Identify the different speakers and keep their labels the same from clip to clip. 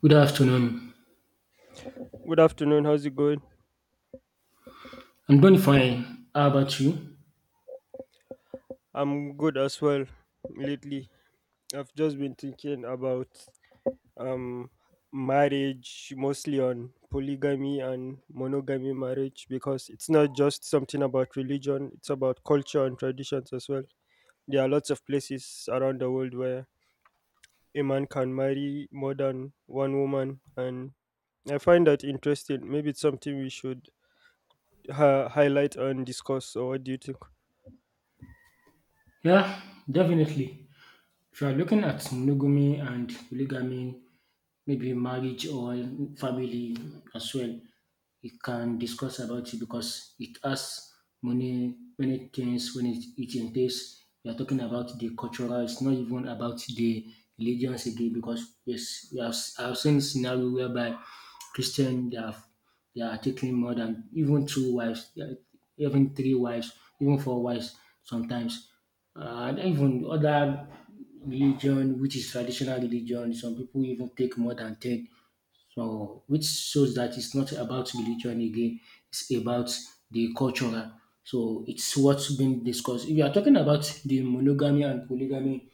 Speaker 1: Good afternoon.
Speaker 2: Good afternoon. How's it going?
Speaker 1: I'm doing fine. How about you?
Speaker 2: I'm good as well. Lately, I've just been thinking about um marriage, mostly on polygamy and monogamy marriage, because it's not just something about religion, it's about culture and traditions as well. There are lots of places around the world where a man can marry more than one woman, and I find that interesting. Maybe it's something we should highlight and discuss. Or what do you think?
Speaker 1: Yeah, definitely. If you are looking at monogamy and polygamy, maybe marriage or family as well, you can discuss about it because it has many things when it entails. We are talking about the cultural, it's not even about the religions again because yes, we have, I've seen scenario whereby Christian they have they are taking more than even two wives, yeah, even three wives, even four wives sometimes. Uh, and even other religion, which is traditional religion. Some people even take more than 10. So, which shows that it's not about religion again, it's about the cultural. So, it's what's been discussed. If you are talking about the monogamy and polygamy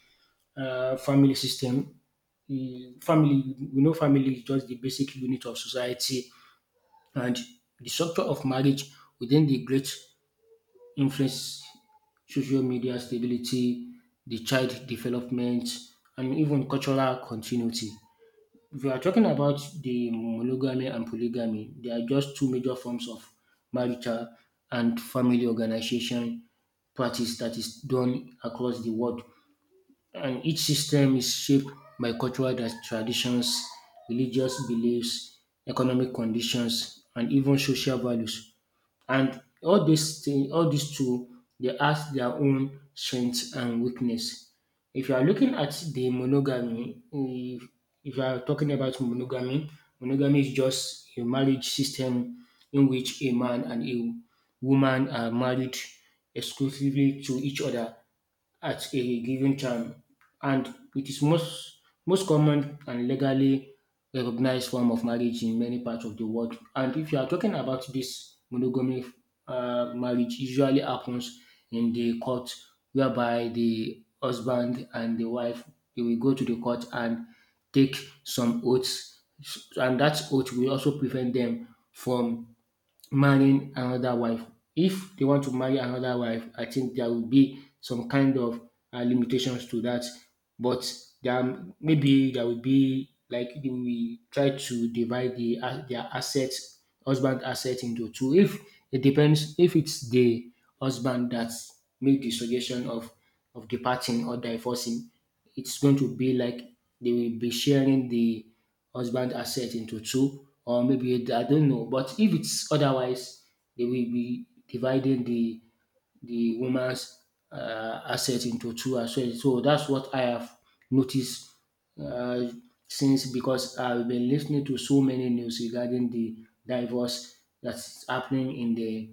Speaker 1: family system, the family, we know family is just the basic unit of society, and the structure of marriage within the great influence social media stability, the child development, and even cultural continuity. If you are talking about the monogamy and polygamy, they are just two major forms of marital and family organization practice that is done across the world, and each system is shaped by cultural traditions, religious beliefs, economic conditions, and even social values. And all these thing, all these two, they have their own strengths and weakness. If you are looking at the monogamy, if you are talking about monogamy, monogamy is just a marriage system in which a man and a woman are married exclusively to each other at a given time, and it is most common and legally recognized form of marriage in many parts of the world. And if you are talking about this monogamy marriage, usually happens in the court, whereby the husband and the wife they will go to the court and take some oaths, and that oath will also prevent them from marrying another wife. If they want to marry another wife, I think there will be some kind of limitations to that. But there maybe there will be like they will try to divide the their assets, husband asset into two. If it depends, if it's the husband that make the suggestion of departing or divorcing, it's going to be like they will be sharing the husband asset into two or maybe I don't know. But if it's otherwise, they will be dividing the woman's asset into two as well. So that's what I have noticed uh, since because I've been listening to so many news regarding the divorce that's happening in the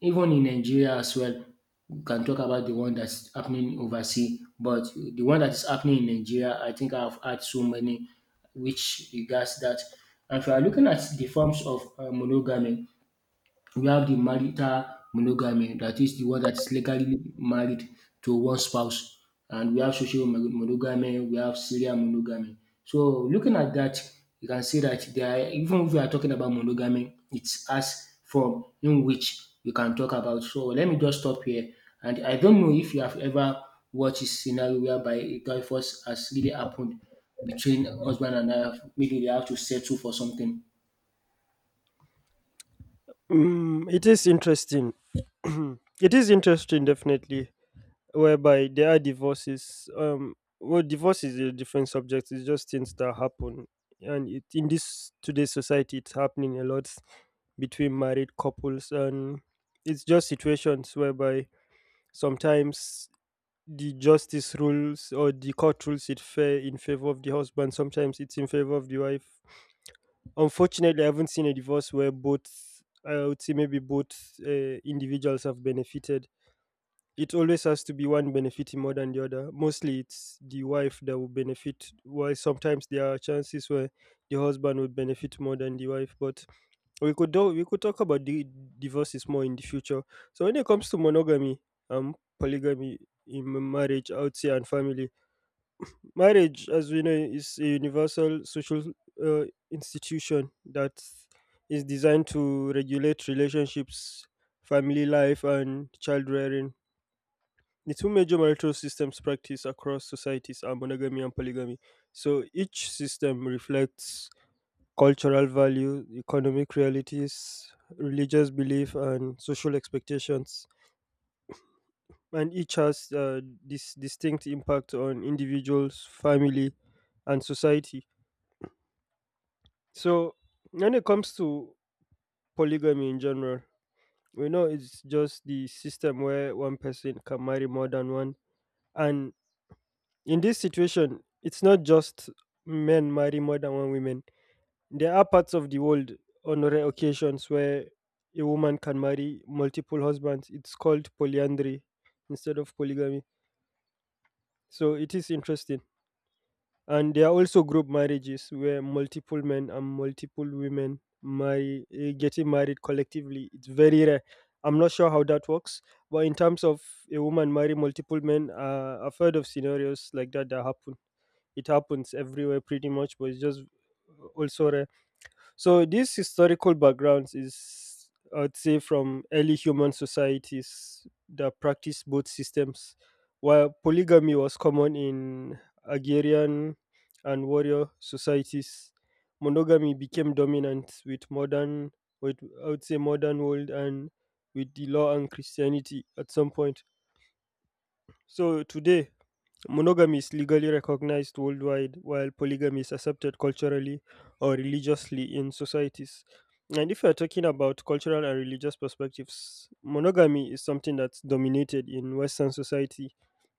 Speaker 1: even in Nigeria as well, we can talk about the one that's happening overseas, but the one that is happening in Nigeria, I think I've had so many which regards that. And if you are looking at the forms of monogamy, we have the marital monogamy, that is the one that is legally married to one spouse. And we have social monogamy, we have serial monogamy. So looking at that, you can see that there are, even if we are talking about monogamy, it has form in which we can talk about. So let me just stop here. And I don't know if you have ever watched a scenario whereby a divorce has really happened between husband and wife. Maybe they have to settle for something.
Speaker 2: Mm, it is interesting. It is interesting definitely, whereby there are divorces. Well, divorce is a different subject, it's just things that happen, and it, in this today's society it's happening a lot between married couples, and it's just situations whereby sometimes the justice rules or the court rules it fair in favor of the husband, sometimes it's in favor of the wife. Unfortunately, I haven't seen a divorce where both, I would say maybe both, individuals have benefited. It always has to be one benefiting more than the other. Mostly it's the wife that will benefit, while sometimes there are chances where the husband would benefit more than the wife. But we could talk about the divorces more in the future. So when it comes to monogamy, polygamy in marriage, outside and family, marriage, as we know, is a universal social uh, institution that is designed to regulate relationships, family life, and child rearing. The two major marital systems practiced across societies are monogamy and polygamy. So each system reflects cultural value, economic realities, religious belief, and social expectations. And each has this distinct impact on individuals, family, and society. So when it comes to polygamy in general, we know it's just the system where one person can marry more than one. And in this situation, it's not just men marry more than one woman. There are parts of the world, on rare occasions, where a woman can marry multiple husbands. It's called polyandry instead of polygamy. So it is interesting. And there are also group marriages where multiple men and multiple women marry, getting married collectively. It's very rare. I'm not sure how that works, but in terms of a woman marry multiple men, I've heard of scenarios like that that happen. It happens everywhere pretty much, but it's just also rare. So this historical backgrounds is, I'd say, from early human societies that practiced both systems. While polygamy was common in agrarian and warrior societies, monogamy became dominant with modern, with I would say modern world, and with the law and Christianity at some point. So today monogamy is legally recognized worldwide, while polygamy is accepted culturally or religiously in societies. And if you're talking about cultural and religious perspectives, monogamy is something that's dominated in Western society,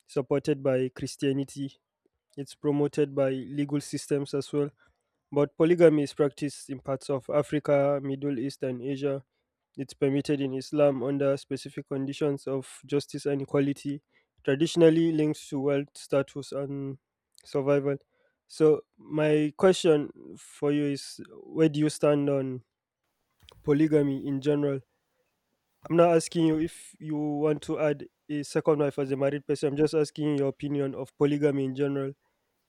Speaker 2: supported by Christianity. It's promoted by legal systems as well. But polygamy is practiced in parts of Africa, Middle East, and Asia. It's permitted in Islam under specific conditions of justice and equality, traditionally linked to wealth, status, and survival. So my question for you is, where do you stand on polygamy in general? I'm not asking you if you want to add a second wife as a married person, I'm just asking your opinion of polygamy in general,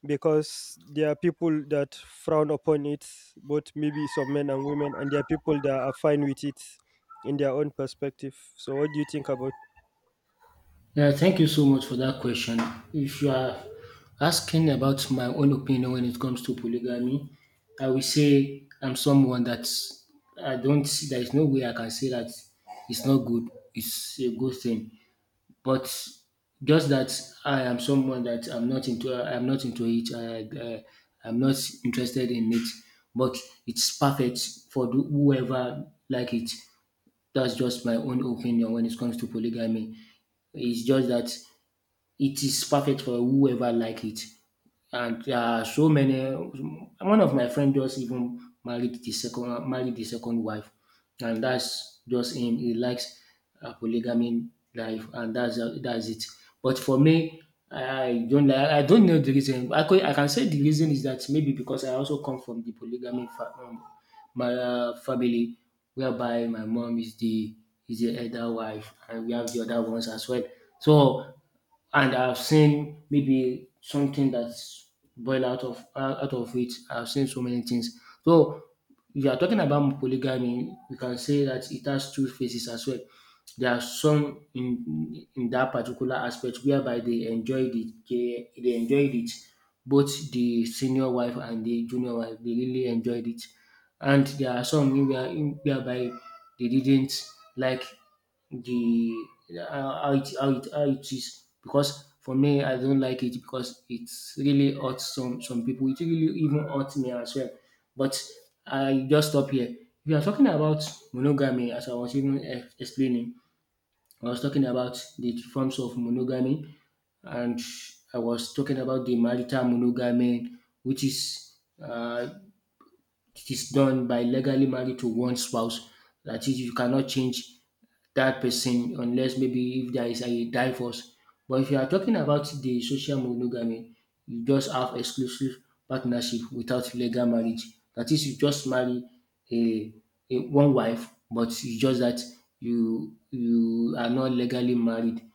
Speaker 2: because there are people that frown upon it, both maybe some men and women, and there are people that are fine with it in their own perspective. So what do you think about
Speaker 1: Yeah, thank you so much for that question. If you are asking about my own opinion when it comes to polygamy, I will say I'm someone that I don't see, there is no way I can say that it's not good, it's a good thing. But just that I am someone that I'm not into it, I'm not interested in it, but it's perfect for the- whoever like it. That's just my own opinion when it comes to polygamy. It's just that it is perfect for whoever like it. And there are so many. One of my friend just even married the second wife, and that's just him. He likes a polygamy life, and that's it. But for me, I don't like. I don't know the reason. I can say the reason is that maybe because I also come from the polygamy my family, whereby my mom is the elder wife, and we have the other ones as well. So and I've seen maybe something that's boiled out of it. I've seen so many things. So if you are talking about polygamy, you can say that it has two faces as well. There are some in that particular aspect whereby they enjoyed it, they enjoyed it, both the senior wife and the junior wife, they really enjoyed it. And there are some in whereby they didn't like the how it is because for me I don't like it because it's really hurt some people. It really even hurt me as well. But I just stop here. We are talking about monogamy as I was even explaining. I was talking about the forms of monogamy, and I was talking about the marital monogamy which is uh, it is done by legally married to one spouse. That is you cannot change that person unless maybe if there is a divorce. But if you are talking about the social monogamy, you just have exclusive partnership without legal marriage. That is, you just marry a, a one wife, but it's just that you are not legally married.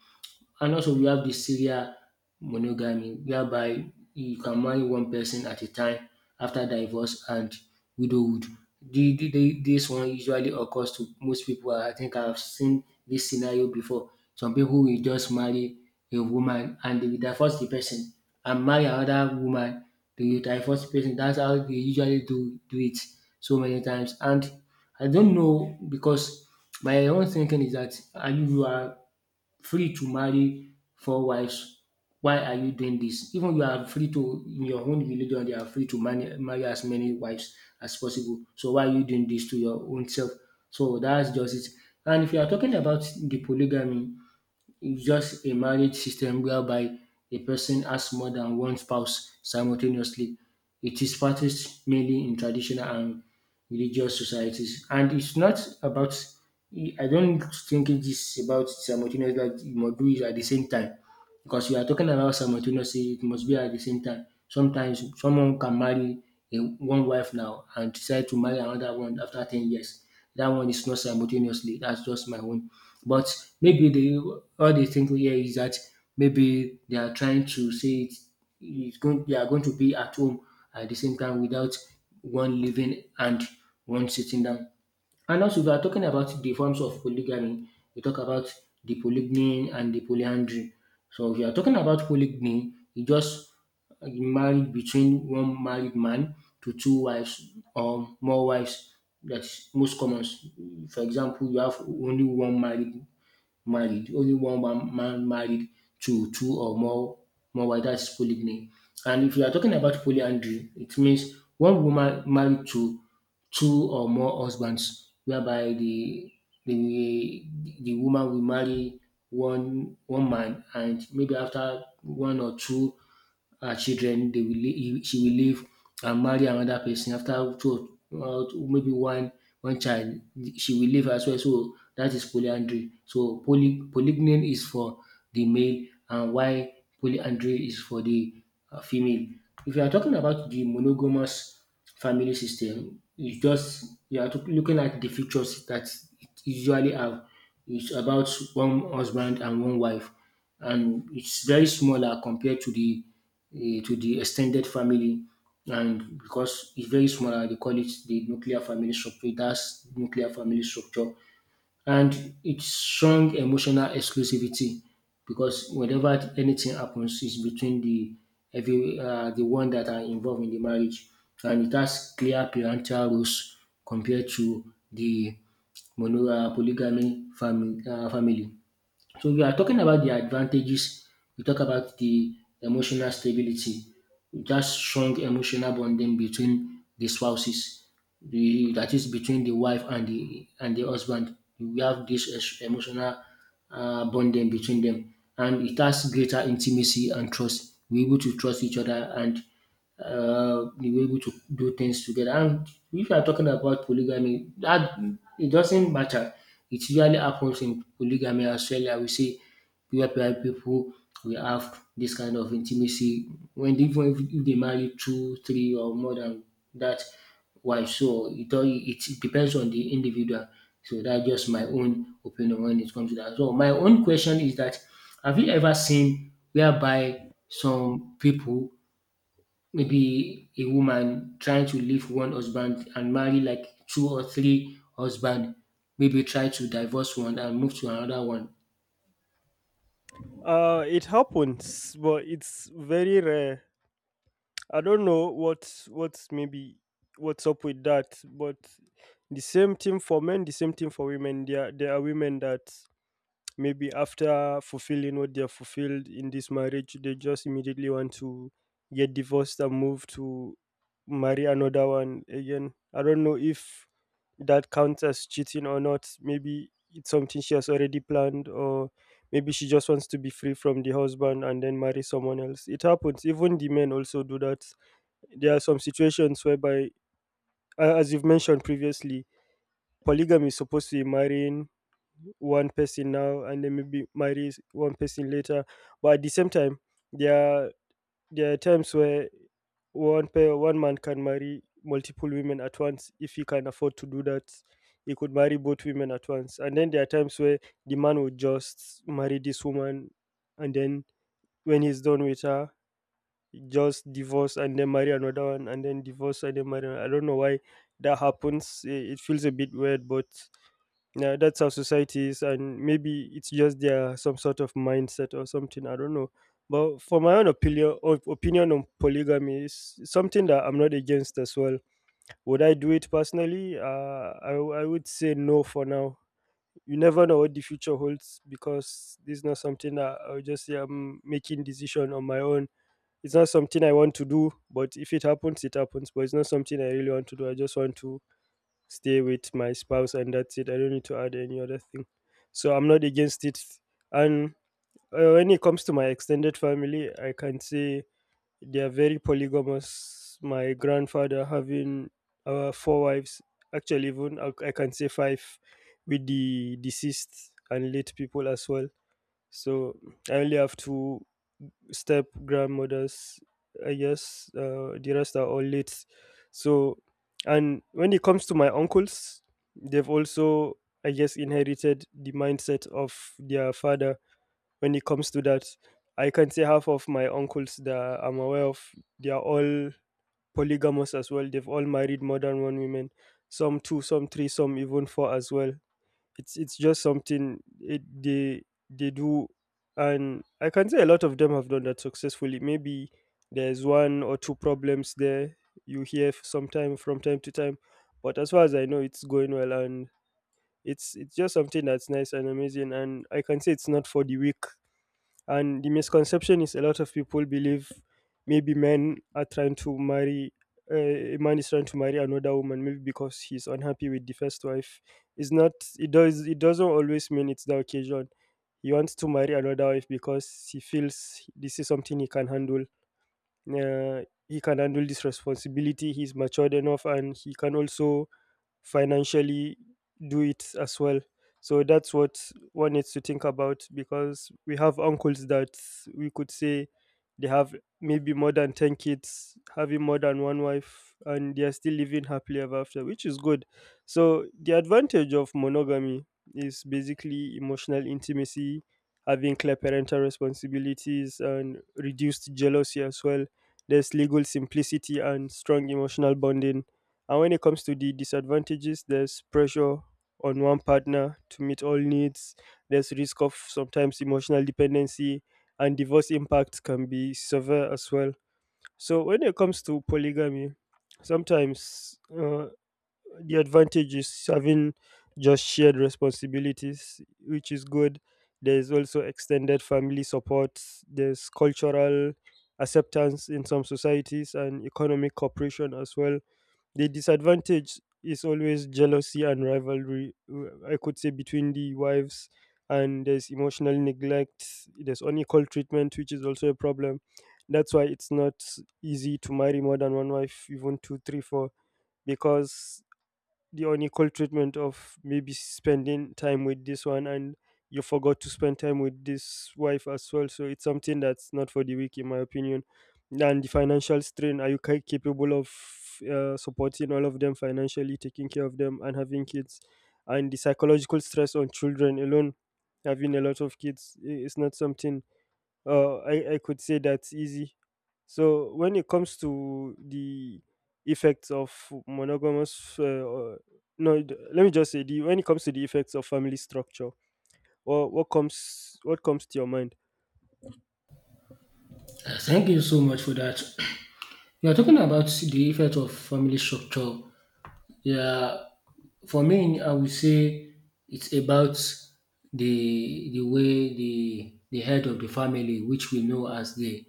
Speaker 1: And also we have the serial monogamy whereby you can marry one person at a time after divorce and widowhood. This one usually occurs to most people. I think I've seen this scenario before. Some people will just marry a woman and they will divorce the person and marry another woman. They will divorce the person. That's how they usually do it so many times. And I don't know because my own thinking is that are free to marry four wives. Why are you doing this? Even you are free to, in your own religion, they are free to marry as many wives as possible. So why are you doing this to your own self? So that's just it. And if you are talking about the polygamy, it's just a marriage system whereby a person has more than one spouse simultaneously. It is practiced mainly in traditional and religious societies. And it's not about, I don't think it is about simultaneous that you must do it at the same time. Because we are talking about simultaneously, it must be at the same time. Sometimes someone can marry one wife now and decide to marry another one after 10 years. That one is not simultaneously. That's just my own, but maybe they all they think here is that maybe they are trying to say it is going they are going to be at home at the same time without one living and one sitting down. And also we are talking about the forms of polygamy. We talk about the polygyny and the polyandry. So if you are talking about polygyny, you just married between one married man to two wives or more wives. That's most common. For example, you have only one married married. Only one man married to two or more wives. That's polygyny. And if you are talking about polyandry, it means one woman married to two or more husbands, whereby the the woman will marry one man, and maybe after one or two her children, she will leave and marry another person after two, maybe one child, she will leave as well. So that is polyandry. So polygyny is for the male, and why polyandry is for the female. If you are talking about the monogamous family system, it's just you are looking at the features that it usually have. It's about one husband and one wife, and it's very smaller compared to the to the extended family. And because it's very small, and they call it the nuclear family structure. It has nuclear family structure, and it's strong emotional exclusivity because whenever anything happens, it's between the every the one that are involved in the marriage, and it has clear parental rules compared to the mono polygamy family. So we are talking about the advantages. We talk about the emotional stability, that strong emotional bonding between the spouses, the, that is between the wife and the husband. We have this emotional bonding between them, and it has greater intimacy and trust. We're able to trust each other, and they were able to do things together. And if you are talking about polygamy, that it doesn't matter. It usually happens in polygamy as well. I will say where people will have this kind of intimacy when they, even if they marry two, three, or more than that wife. So it all it it depends on the individual. So that's just my own opinion when it comes to that. So my own question is that, have you ever seen whereby some people maybe a woman trying to leave one husband and marry like two or three husband, maybe try to divorce one and move to another one.
Speaker 2: it? It happens, but it's very rare. I don't know what's maybe what's up with that, but the same thing for men, the same thing for women. There are women that maybe, after fulfilling what they have fulfilled in this marriage, they just immediately want to get divorced and move to marry another one again. I don't know if that counts as cheating or not. Maybe it's something she has already planned, or maybe she just wants to be free from the husband and then marry someone else. It happens. Even the men also do that. There are some situations whereby, as you've mentioned previously, polygamy is supposed to be marrying one person now and then maybe marry one person later, but at the same time, there are there are times where one man can marry multiple women at once. If he can afford to do that, he could marry both women at once. And then there are times where the man would just marry this woman, and then when he's done with her, just divorce and then marry another one, and then divorce and then marry another. I don't know why that happens. Eh, it feels a bit weird, but yeah, that's how society is, and maybe it's just their some sort of mindset or something. I don't know. But for my own opinion, opinion on polygamy is something that I'm not against as well. Would I do it personally? I would say no for now. You never know what the future holds, because this is not something that I'll just say I'm making decision on my own. It's not something I want to do, but if it happens, it happens. But it's not something I really want to do. I just want to stay with my spouse and that's it. I don't need to add any other thing. So I'm not against it. And when it comes to my extended family, I can say they are very polygamous, my grandfather having four wives. Actually, even I can say five, with the deceased and late people as well. So I only have two step grandmothers, I guess. The rest are all late. So, and when it comes to my uncles, they've also, I guess, inherited the mindset of their father when it comes to that. I can say half of my uncles that I'm aware of, they are all polygamous as well. They've all married more than one woman, some two, some three, some even four as well. It's just something, they do. And I can say a lot of them have done that successfully. Maybe there's one or two problems there, you hear sometime from time to time, but as far as I know, it's going well. And it's just something that's nice and amazing, and I can say it's not for the weak. And the misconception is, a lot of people believe maybe men are trying to marry uh, a man is trying to marry another woman maybe because he's unhappy with the first wife. It's not it does, it doesn't always mean it's the occasion. He wants to marry another wife because he feels this is something he can handle. Uh, he can handle this responsibility. He's matured enough and he can also financially do it as well. So that's what one needs to think about, because we have uncles that, we could say, they have maybe more than 10 kids, having more than one wife, and they are still living happily ever after, which is good. So the advantage of monogamy is basically emotional intimacy, having clear parental responsibilities, and reduced jealousy as well. There's legal simplicity and strong emotional bonding. And when it comes to the disadvantages, there's pressure on one partner to meet all needs, there's risk of sometimes emotional dependency, and divorce impact can be severe as well. So when it comes to polygamy, sometimes, the advantage is having just shared responsibilities, which is good. There's also extended family support, there's cultural acceptance in some societies, and economic cooperation as well. The disadvantage is always jealousy and rivalry, I could say, between the wives, and there's emotional neglect, there's unequal treatment, which is also a problem. That's why it's not easy to marry more than one wife, even two, three, four, because the unequal treatment of maybe spending time with this one and you forgot to spend time with this wife as well. So it's something that's not for the weak, in my opinion. And the financial strain, are you capable of supporting all of them financially, taking care of them, and having kids? And the psychological stress on children alone, having a lot of kids, it's not something, I could say that's easy. So when it comes to the effects of monogamous, no, d- let me just say, the when it comes to the effects of family structure, or what comes to your mind?
Speaker 1: Thank you so much for that. You are talking about the effect of family structure. Yeah, for me, I would say it's about the way the head of the family, which we know as the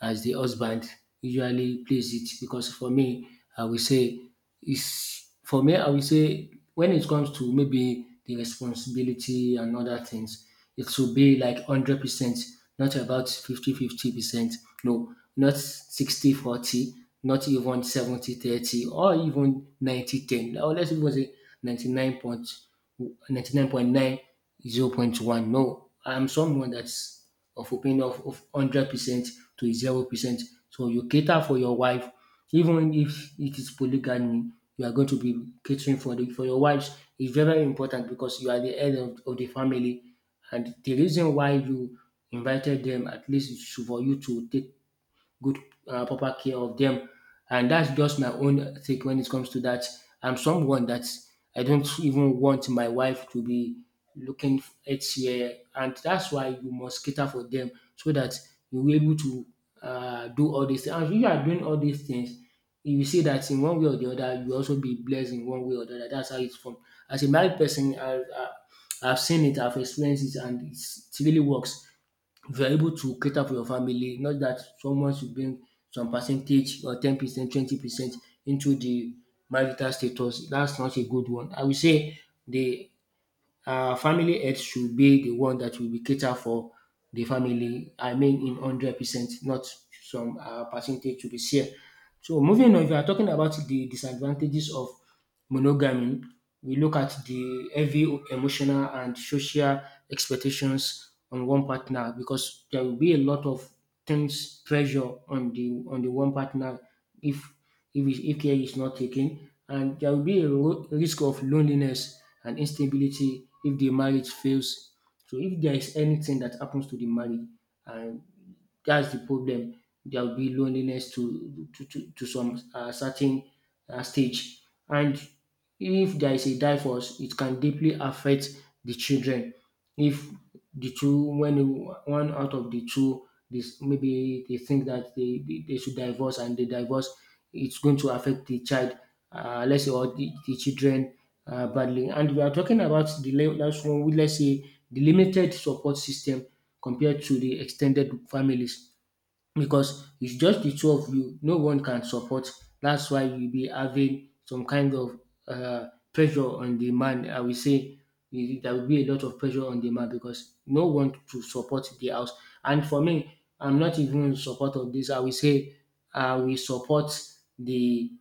Speaker 1: as the husband, usually plays it. Because for me, I would say when it comes to maybe the responsibility and other things, it should be like 100%, not about 50/50%. No, not 60/40, not even 70/30, or even 90/10. 10, or let's even say 99.5. 99.9, 0.1. No, I'm someone that's of opinion of 100% to 0%. So you cater for your wife, even if it is polygamy, you are going to be catering for your wives. It's very, very important because you are the head of the family. And the reason why you invited them, at least is for you to take good proper care of them. And that's just my own take when it comes to that. I'm someone that I don't even want my wife to be looking each year, and that's why you must cater for them so that you'll be able to do all these things. And if you are doing all these things, you see that in one way or the other, you also be blessed in one way or the other. That's how it's from. As a married person, I've seen it, I've experienced it, and it really works. If you are able to cater for your family, not that someone should bring some percentage or 10%, 20% into the marital status. That's not a good one. I will say the family health should be the one that will be cater for the family. I mean, in 100%, not some percentage to be shared. So moving on, if you are talking about the disadvantages of monogamy, we look at the heavy emotional and social expectations on one partner, because there will be a lot of things pressure on the one partner if care is not taken, and there will be a risk of loneliness and instability if the marriage fails. So if there is anything that happens to the marriage, and that's the problem, there will be loneliness to some certain stage, and if there is a divorce, it can deeply affect the children. If the two, when one out of the two, this maybe they think that they should divorce and they divorce, it's going to affect the child, let's say, or the children badly. And we are talking about the last one, let's say, the limited support system compared to the extended families, because it's just the two of you. No one can support. That's why you be having some kind of uh, pressure on the man. I will say there will be a lot of pressure on the man, because no one to support the house. And for me, I'm not even in support of this. I will say I will support the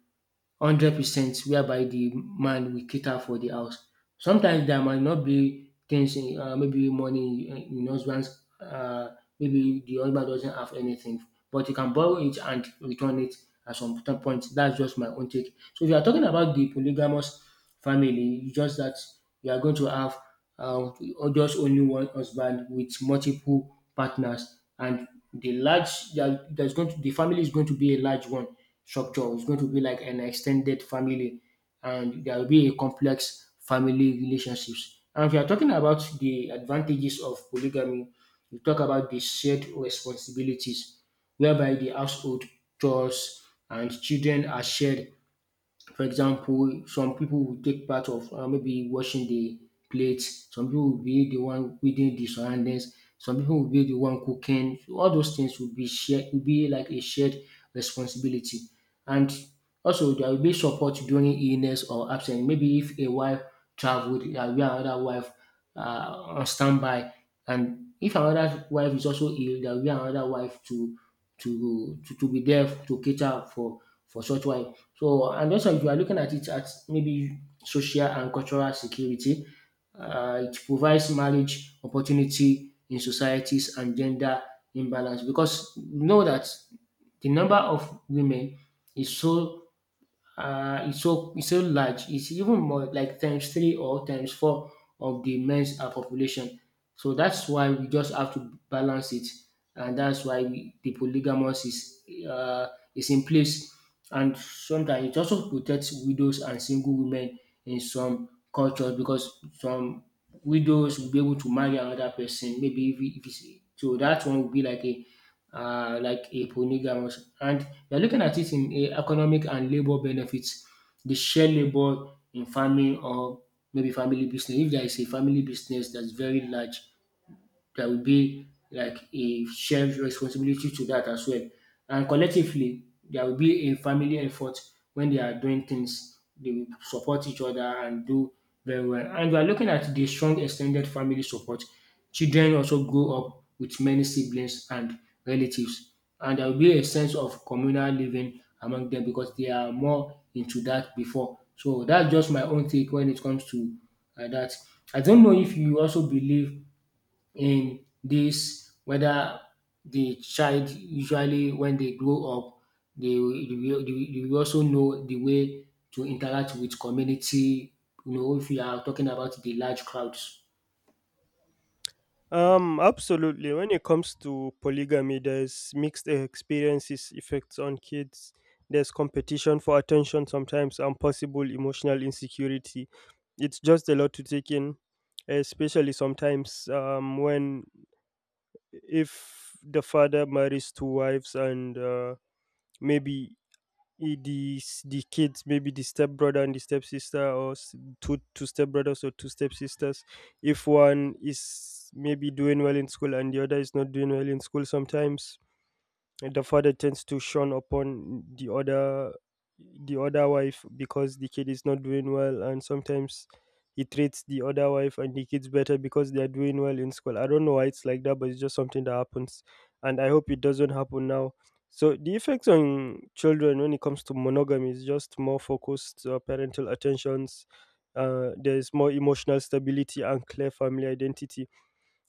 Speaker 1: 100% whereby the man will cater for the house. Sometimes there might not be things in maybe money in husband's, maybe the husband doesn't have anything, but you can borrow it and return it at some point. That's just my own take. So if you are talking about the polygamous family, it's just that you are going to have uh just only one husband with multiple partners, and the large there- there's going to the family is going to be a large one structure. It's going to be like an extended family, and there will be a complex family relationships. And if you are talking about the advantages of polygamy, you talk about the shared responsibilities, whereby the household chores and children are shared. For example, some people will take part of maybe washing the plates. Some people will be the one reading the surroundings. Some people will be the one cooking. So all those things will be shared. Will be like a shared responsibility, and also there will be support during illness or absence. Maybe if a wife traveled, there will be another wife uh, on standby, and if another wife is also ill, there will be another wife to be there to cater for such wife. So, and also if you are looking at it at maybe social and cultural security, it provides marriage opportunity in societies and gender imbalance, because we know that the number of women is so it's so large. It's even more like times three or times four of the men's population. So that's why we just have to balance it, and that's why we, the polygamous is in place. And sometimes it also protects widows and single women in some cultures, because some widows will be able to marry another person. Maybe if, it- if it's, so that one will be like a polygamous, and you're looking at it in a economic and labor benefits, the shared labor in farming or maybe family business. If there is a family business that's very large, there will be like a shared responsibility to that as well. And collectively, there will be a family effort when they are doing things. They will support each other and do very well. And we are looking at the strong extended family support. Children also grow up with many siblings and relatives. And there will be a sense of communal living among them because they are more into that before. So that's just my own take when it comes to that. I don't know if you also believe in this whether the child usually when they grow up, they will also know the way to interact with community, you know, if you are talking about the large crowds.
Speaker 2: Absolutely. When it comes to polygamy, there's mixed experiences effects on kids. There's competition for attention sometimes, and possible emotional insecurity. It's just a lot to take in, especially sometimes when if the father marries two wives and maybe the kids, maybe the stepbrother and the stepsister, or two stepbrothers or two stepsisters. If one is maybe doing well in school and the other is not doing well in school sometimes, and the father tends to shun upon the other wife because the kid is not doing well, and sometimes he treats the other wife and the kids better because they are doing well in school. I don't know why it's like that, but it's just something that happens, and I hope it doesn't happen now. So the effects on children when it comes to monogamy is just more focused parental attentions. There's more emotional stability and clear family identity.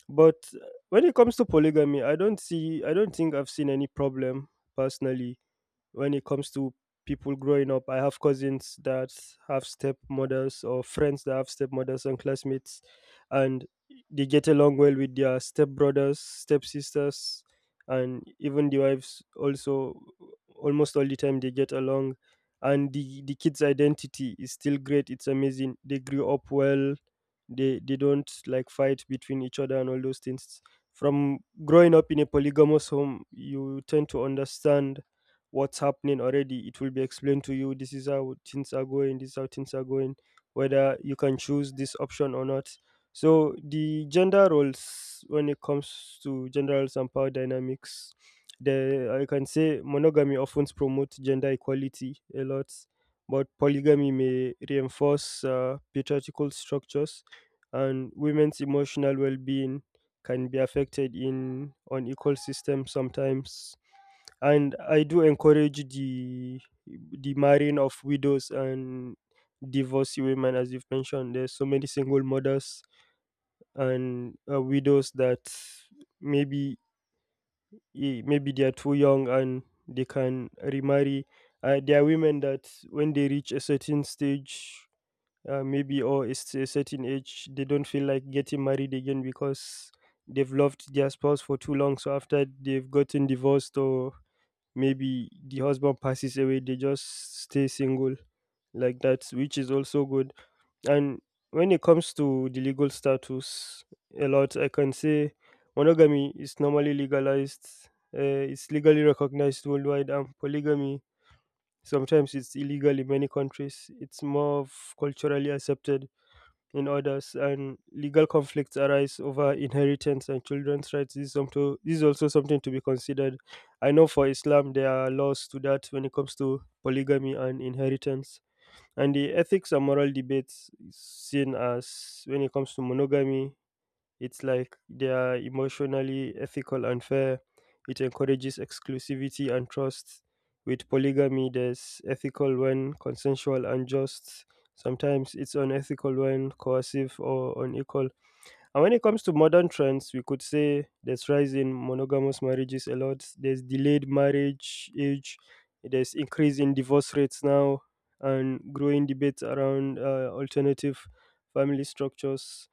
Speaker 2: But when it comes to polygamy, I don't think I've seen any problem personally when it comes to people growing up. I have cousins that have stepmothers, or friends that have stepmothers and classmates, and they get along well with their stepbrothers, stepsisters, and even the wives also. Almost all the time they get along, and the kids identity is still great. It's amazing, they grew up well. They don't like fight between each other and all those things. From growing up in a polygamous home, you tend to understand what's happening already. It will be explained to you, this is how things are going, this is how things are going, whether you can choose this option or not. So the gender roles, when it comes to gender roles and power dynamics, the I can say monogamy often promotes gender equality a lot, but polygamy may reinforce patriarchal structures, and women's emotional well-being can be affected in unequal systems sometimes. And I do encourage the marrying of widows and divorcee women, as you've mentioned. There's so many single mothers and widows that maybe, maybe they are too young and they can remarry. There are women that when they reach a certain stage, maybe, or it's a certain age, they don't feel like getting married again because they've loved their spouse for too long. So after they've gotten divorced, or maybe the husband passes away, they just stay single like that, which is also good. And when it comes to the legal status, a lot, I can say monogamy is normally legalized, uh, it's legally recognized worldwide. And polygamy, sometimes it's illegal in many countries, it's more of culturally accepted in others, and legal conflicts arise over inheritance and children's rights. This is, this is also something to be considered. I know for Islam, there are laws to that when it comes to polygamy and inheritance. And the ethics and moral debates is seen as, when it comes to monogamy, it's like they are emotionally ethical and fair. It encourages exclusivity and trust. With polygamy, there's ethical when consensual and just. Sometimes it's unethical when coercive or unequal. And when it comes to modern trends, we could say there's rise in monogamous marriages a lot. There's delayed marriage age. There's increase in divorce rates now, and growing debates around alternative family structures.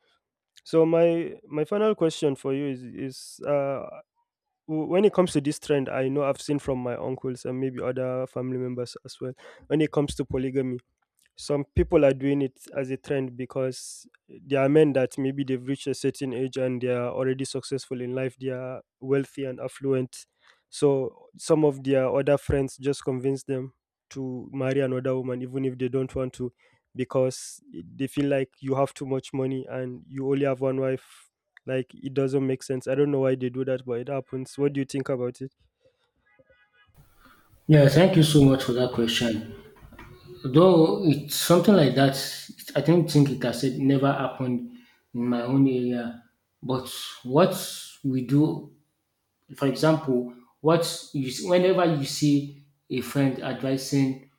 Speaker 2: So my final question for you is uh, when it comes to this trend, I know I've seen from my uncles and maybe other family members as well. When it comes to polygamy, some people are doing it as a trend because there are men that maybe they've reached a certain age and they are already successful in life, they are wealthy and affluent, so some of their other friends just convince them to marry another woman even if they don't want to, because they feel like you have too much money and you only have one wife. Like, it doesn't make sense, I don't know why they do that, but it happens. What do you think about it?
Speaker 1: Yeah, thank you so much for that question. Though it's something like that, I don't think it has said never happened in my own area. But what we do, for example, whenever you see a friend advising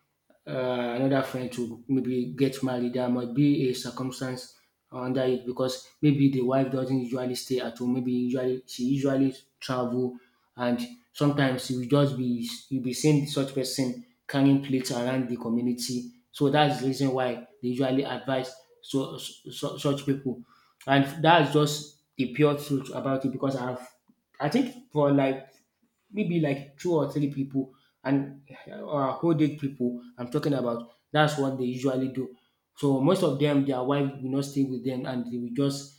Speaker 1: another friend to maybe get married. There might be a circumstance under it because maybe the wife doesn't usually stay at home. Maybe usually she usually travel, and sometimes you be seeing such person carrying plates around the community. So that's the reason why they usually advise so such people, and that's just the pure truth about it because I think for like maybe like two or three people, and or a whole age people I'm talking about. That's what they usually do. So most of them, their wife will not stay with them, and they will just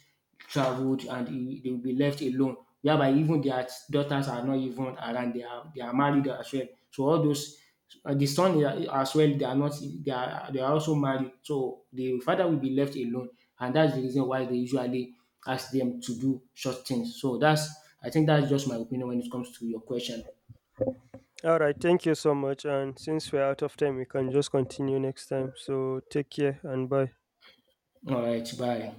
Speaker 1: traveled and they will be left alone. Whereby even their daughters are not even around. They are married as well. So all those the son, as well, they are not, they are also married. So the father will be left alone, and that's the reason why they usually ask them to do such things. So that's I think that's just my opinion when it comes to your question.
Speaker 2: All right, thank you so much. And since we're out of time, we can just continue next time. So take care and bye.
Speaker 1: All right, bye.